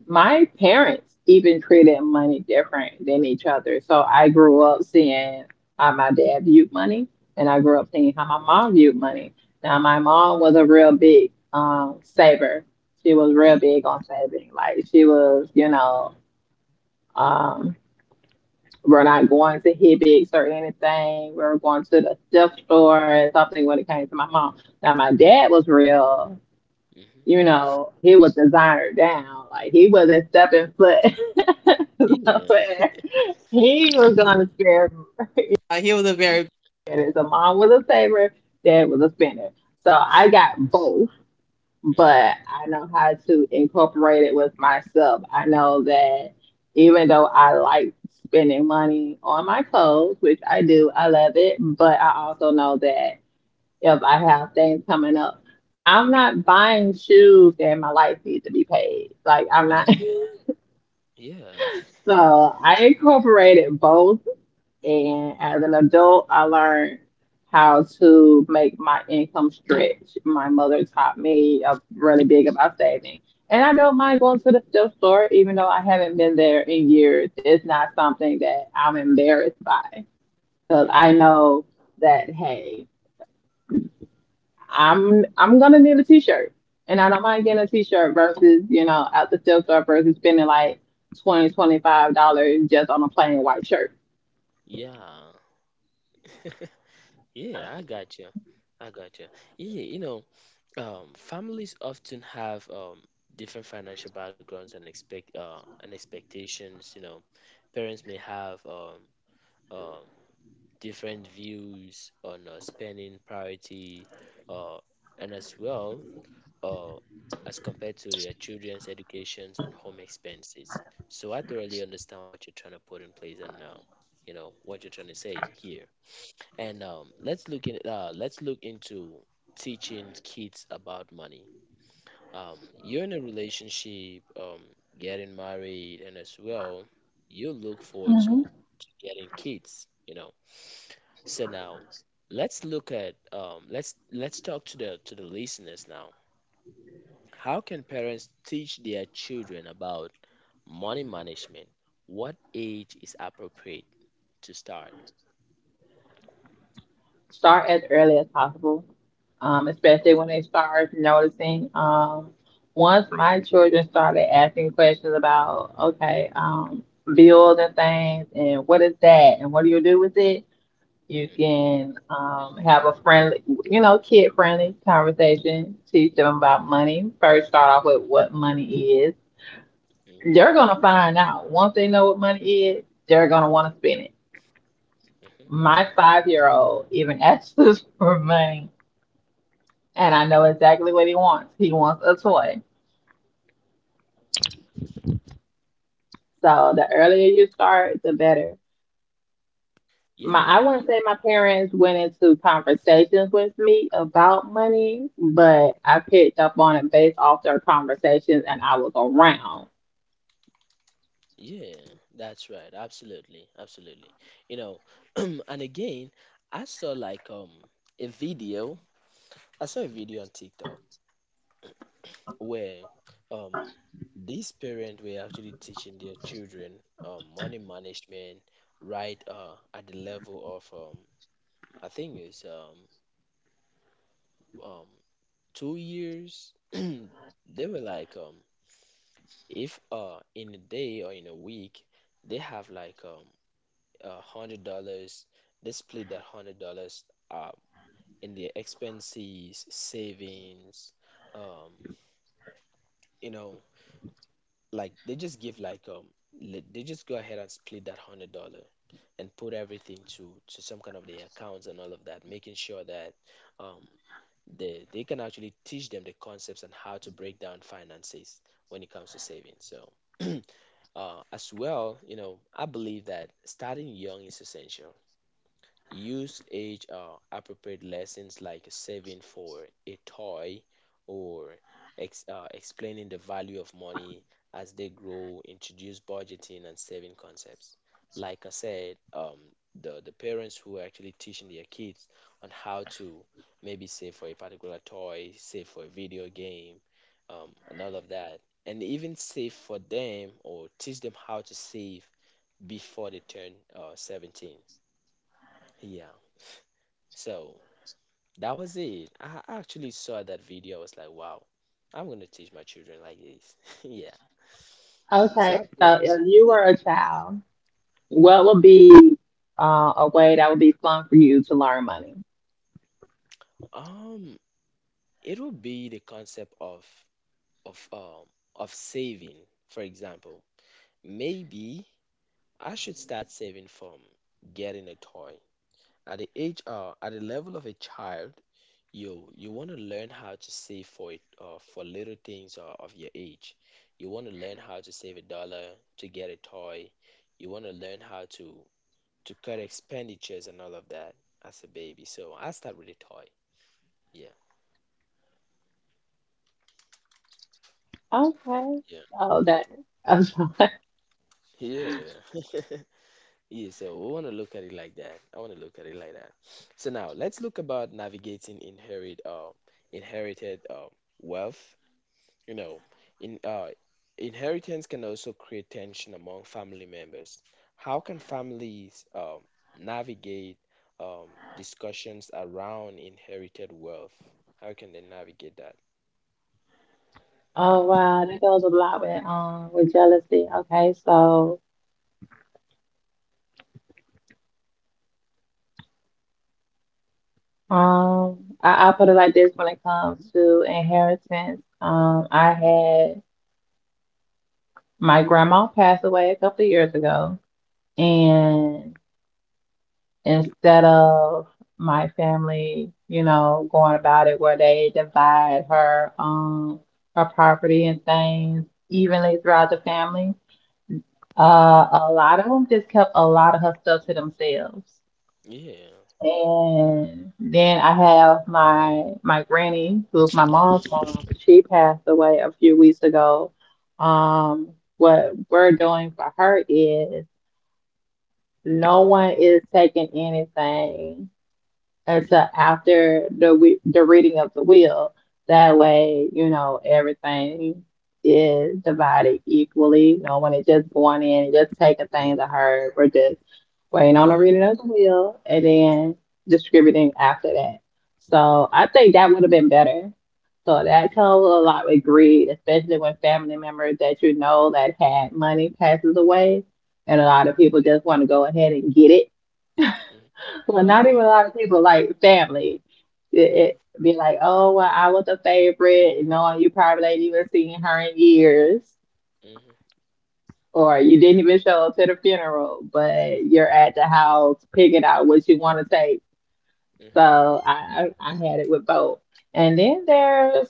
My parents even treated money different than each other. So I grew up seeing how my dad viewed money, and I grew up seeing how my mom viewed money. Now, my mom was a real big saver. She was real Yeah. big on saving. Like, she was, you know, um, we're not going to Hibbix or anything. We are going to the thrift store and something when it came to my mom. Now, my dad was real, Hmm. you know, he was designer down. Like he wasn't stepping foot. Yeah, Nowhere. He was gonna spare. Like, he was a yeah. very spinner. So mom was a saver, dad was a spinner. So I got both, Hmm. but I know how to incorporate it with myself. I know that even though I like spending money on my clothes, which I do, I love it, but I also know that if I have things coming up. I'm not buying shoes that my life needs to be paid. Like I'm not. Yeah, yeah. So I incorporated both, and as an adult, I learned how to make my income stretch. My mother taught me really big about saving, and I don't mind going to the thrift store, even though I haven't been there in years. It's not something that I'm embarrassed by because Hmm. I know that, hey. I'm gonna need a t-shirt, and I don't mind getting a Yeah. t-shirt versus, at the thrift store versus spending like $20, $25 just on a plain white shirt. Yeah. Yeah, I got you. I got you. Yeah, you know, families often have different financial backgrounds and expectations. You know, parents may have um, different views on spending priority, uh, and as well uh, as compared to their children's educations and home expenses. So I thoroughly understand what you're trying to put in place, and you know what you're trying to say here. And let's look into teaching kids about money. You're in a relationship, getting married, and as well, you look forward Hmm. to getting kids, you know. So now let's look at let's talk to the listeners now. How can parents teach their children about money management? What age is appropriate to start? Start as early as possible, especially when Okay. they start noticing. Once my children started asking questions about, okay, bills and things, and what is that, and what do you do with it. You Mm-hmm, can have a friendly, you know, kid friendly conversation. Teach them about money. First, start off with what money is. mm-hmm, They're going to find out. Once they know what money is, they're going to want to spend it. mm-hmm. My 5-year-old old even asks us for money, and I know exactly what he wants. He wants a toy. So, the earlier you start, the better. My I Yeah, wouldn't say my parents went into conversations with me about money, but I picked up on it based off their conversations and I was around. yeah, that's right. Absolutely, absolutely. You know, and again, I saw like a video. I saw a video on TikTok where um these parents were actually teaching their children money management right at the level of I think it's um 2 years. They were like um, if in a day or in a week, they have like $100. They split that $100 uh in their expenses, savings, um, you know, like they just give like um, they just go ahead and split that $100 and put everything to some kind of the accounts and all of that, making sure that um they can actually teach them the concepts and how to break down finances when it comes to saving. So as well, you know, I believe that starting young is essential. Use age appropriate lessons like saving for a toy, or explaining the value of money. As they grow, introduce budgeting and saving concepts. Like I said, the parents who are actually teaching their kids on how to maybe save for a particular toy, save for a video game, and all of that. And even save for them or teach them how to save before they turn 17. Yeah. So that was it. I actually saw that video. I was like, wow, I'm gonna teach my children like this. Yeah. So Okay, I, so if you were a child, what would be a way that would be fun for you to learn money? um, it would be the concept of of um of saving. For example, maybe I should start saving from getting a toy at the age, at the level of a child. You want to learn how to save for it, for little things of your age. You want to learn how to save a dollar to get a toy. You want to learn how to cut expenditures and all of that as a baby, so I start with a toy. Yeah. Okay, Yeah. so that. Yeah. Yeah, so we want to look at it like that. I want to look at it like that. So now let's look about navigating inherited wealth. You know, in inheritance can also create tension among family members. How can families navigate, um, discussions around inherited wealth? How can they navigate that? Oh wow, that goes a lot with jealousy. Okay, so um I put it like this when it comes to inheritance. I had. My grandma passed away a couple of years ago, and instead of my family, you know, going about it where they divide her, her property and things evenly throughout the family, Mm. a lot of them just kept a lot of her stuff to themselves. Yeah, And then I have my granny, who's my mom's mom. She passed away a few weeks ago. Um, what we're doing for her is, no one is taking anything until after the reading of the will. That way, you know, everything is divided equally. No one is just going in and just taking yeah, things I heard. We're just waiting on a yeah. reading of the will and then distributing after that. So Mm. I think that would have been better. So that comes a lot with greed, especially when family members that you know that had money passes away, and a lot of people just want to go ahead and get it. Mm. Well, not Yeah. even a lot of people like family. It, Mm-hmm, it be like, oh well, I was a favorite, knowing you probably ain't even seen her in years mm-hmm, or you didn't even show up to the funeral, but you're at the house picking out what you want to take. mm-hmm, So I had it with both. And then there's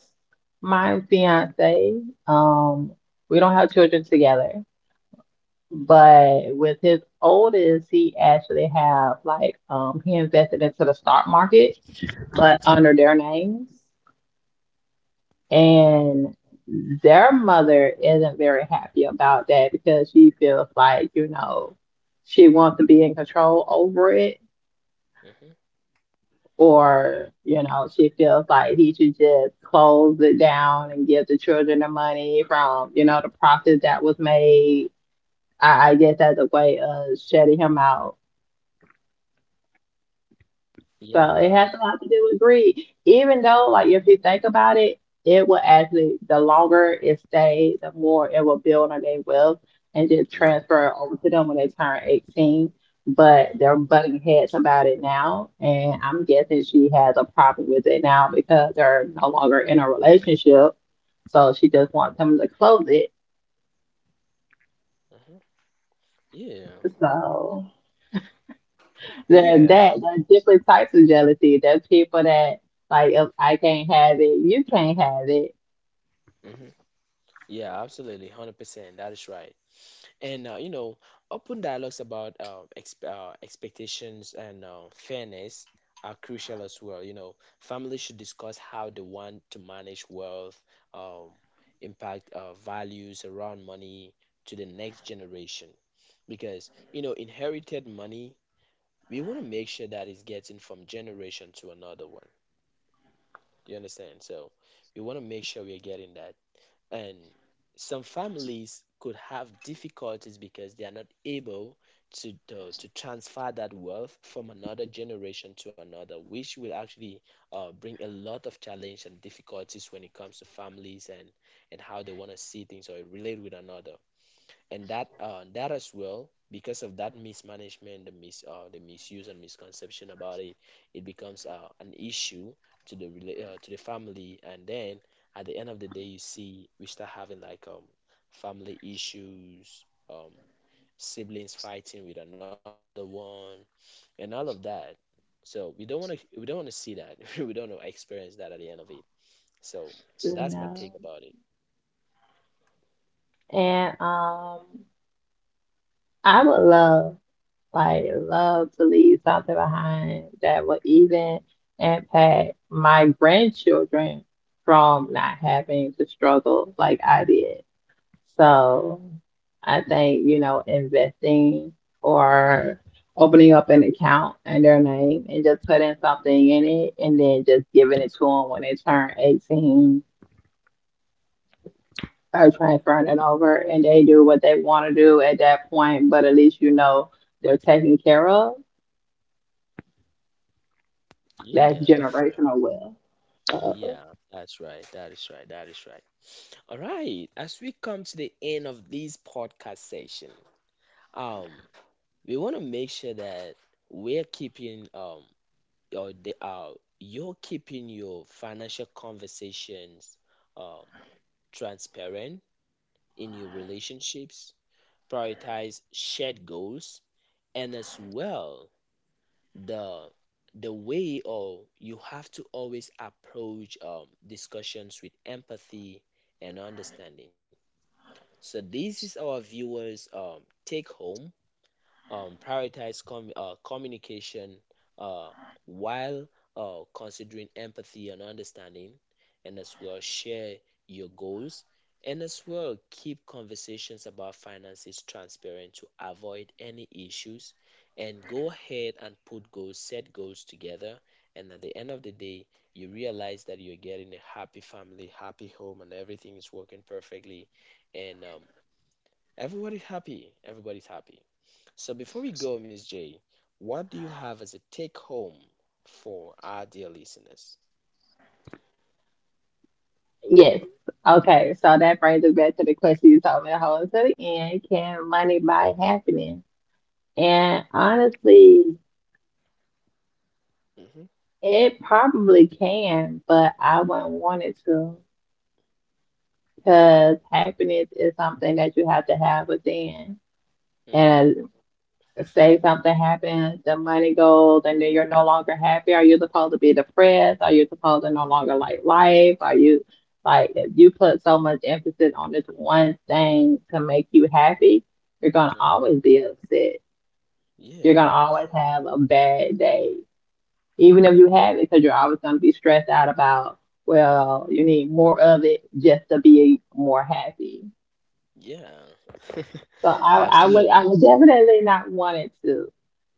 my fiance. Um, we don't have children together, but with his oldest, he actually have like, he invested into the stock market, but under their names. uh-huh, And their mother isn't very happy about that because she feels like, you know, she wants to be in control over it, mm-hmm. or you know she feels like he should just close it down and give the children the money from, you know, the profit that was made. I guess as a way of shutting him out. So it Yeah, has a lot to do with greed. Even though, like, if you think about it, it will actually, the longer it stays, the more it will build on their wealth and just yeah, transfer over to them when they turn 18. But they're mm-hmm, butting heads about it now. And I'm guessing she has a problem with it now because they're no longer in a relationship. So she just wants him to close it. mm-hmm, yeah, So there's yeah, that. There's different types of jealousy. There's people that, like, if I can't have it, you can't have it. mm-hmm, yeah. Absolutely, 100%. That is right. And you know, open dialogues about expectations and fairness are crucial as well. You know, families should discuss how they want to manage wealth, um, impact values around money to the next generation. Because you know, inherited money, we want to make sure that it's getting from generation to another one. Do you understand? So we want to make sure we are getting that. And some families could have difficulties because they are not able to transfer that wealth from another generation to another, which will actually bring a lot of challenge and difficulties when it comes to families, and how they want to see things or relate with another. And that as well, because of that mismanagement, the mis the misuse and misconception about it, it becomes an issue to the to the family. And then at the end of the day, you see we start having like family issues, um siblings fighting with another one and all of that. So we don't want to see that. We don't want to experience that at the end of it. So You so know. that's my take about it. And I would love, like, love to leave something behind that would even impact my grandchildren from not having to struggle like I did. So I think, you know, investing or opening up an account in their name and just putting something in it and then just giving it to them when they turn 18, are transferring it over and they do what they want to do at that point, but at least you know they're taken care of. That's Yeah. generational wealth. So, Yeah, that's right. That is right. That is right. All right. As we come to the end of this podcast session, um, we want to make sure that we're keeping or the you're keeping your financial conversations um transparent in your relationships, prioritize shared goals, and as well the the way, or you have to always approach discussions with empathy and understanding. So this is our viewers take home: prioritize communication, uh, while considering empathy and understanding, and as well share your goals, and as well keep conversations about finances transparent to avoid any issues, and go ahead and put goals, set goals together, and at the end of the day, you realize that you're getting a happy family, happy home, and everything is working perfectly, and everybody's happy. Everybody's happy. So before we go, Miss J, what do you have as a take home for our dear listeners? yes. Okay, so that brings us back to the question you told me to hold to the end. Can money buy happiness? And honestly, Mm-hmm, it probably can, but I wouldn't want it to because happiness is something that you have to have within. mm-hmm. And say something happens, the money goes, and then you're no longer happy? Are you supposed to be depressed? Are you supposed to no longer like life? Are you, like, if you put so much emphasis on this one thing to make you happy, you're gonna Hmm. always be upset. You're Yeah, gonna always have a bad day, even if you have it, because you're always gonna be stressed out about, well, you need more of it just to be more happy. yeah, So I would, I absolutely. would definitely not want it to.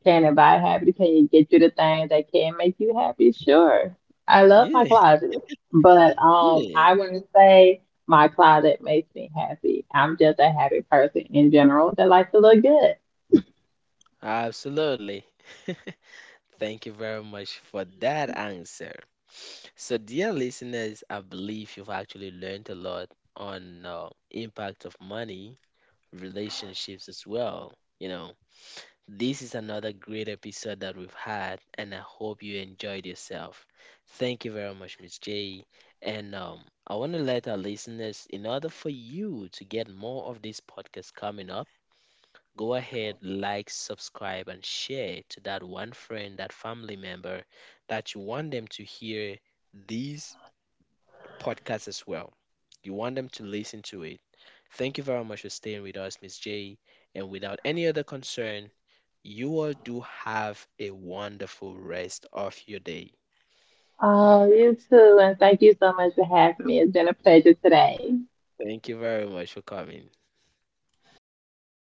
Can it buy happy? Can you get you the things that can make you happy? Sure. I love my Yeah, closet, but yeah, I wouldn't say my closet makes me happy. I'm just a happy person in general that likes to look good. absolutely. Thank you very much for that answer. So, dear listeners, I believe you've actually learned a lot on impact of money, relationships as well. You know, this is another great episode that we've had, and I hope you enjoyed yourself. Thank you very much, Miss J. And I want to let our listeners, in order for you to get more of this podcast coming up, go ahead, like, subscribe, and share to that one friend, that family member that you want them to hear these podcasts as well. You want them to listen to it. Thank you very much for staying with us, Miss J. And without any other concern, you all do have a wonderful rest of your day. Oh, you too, and thank you so much for having me. It's been a pleasure today. Thank you very much for coming.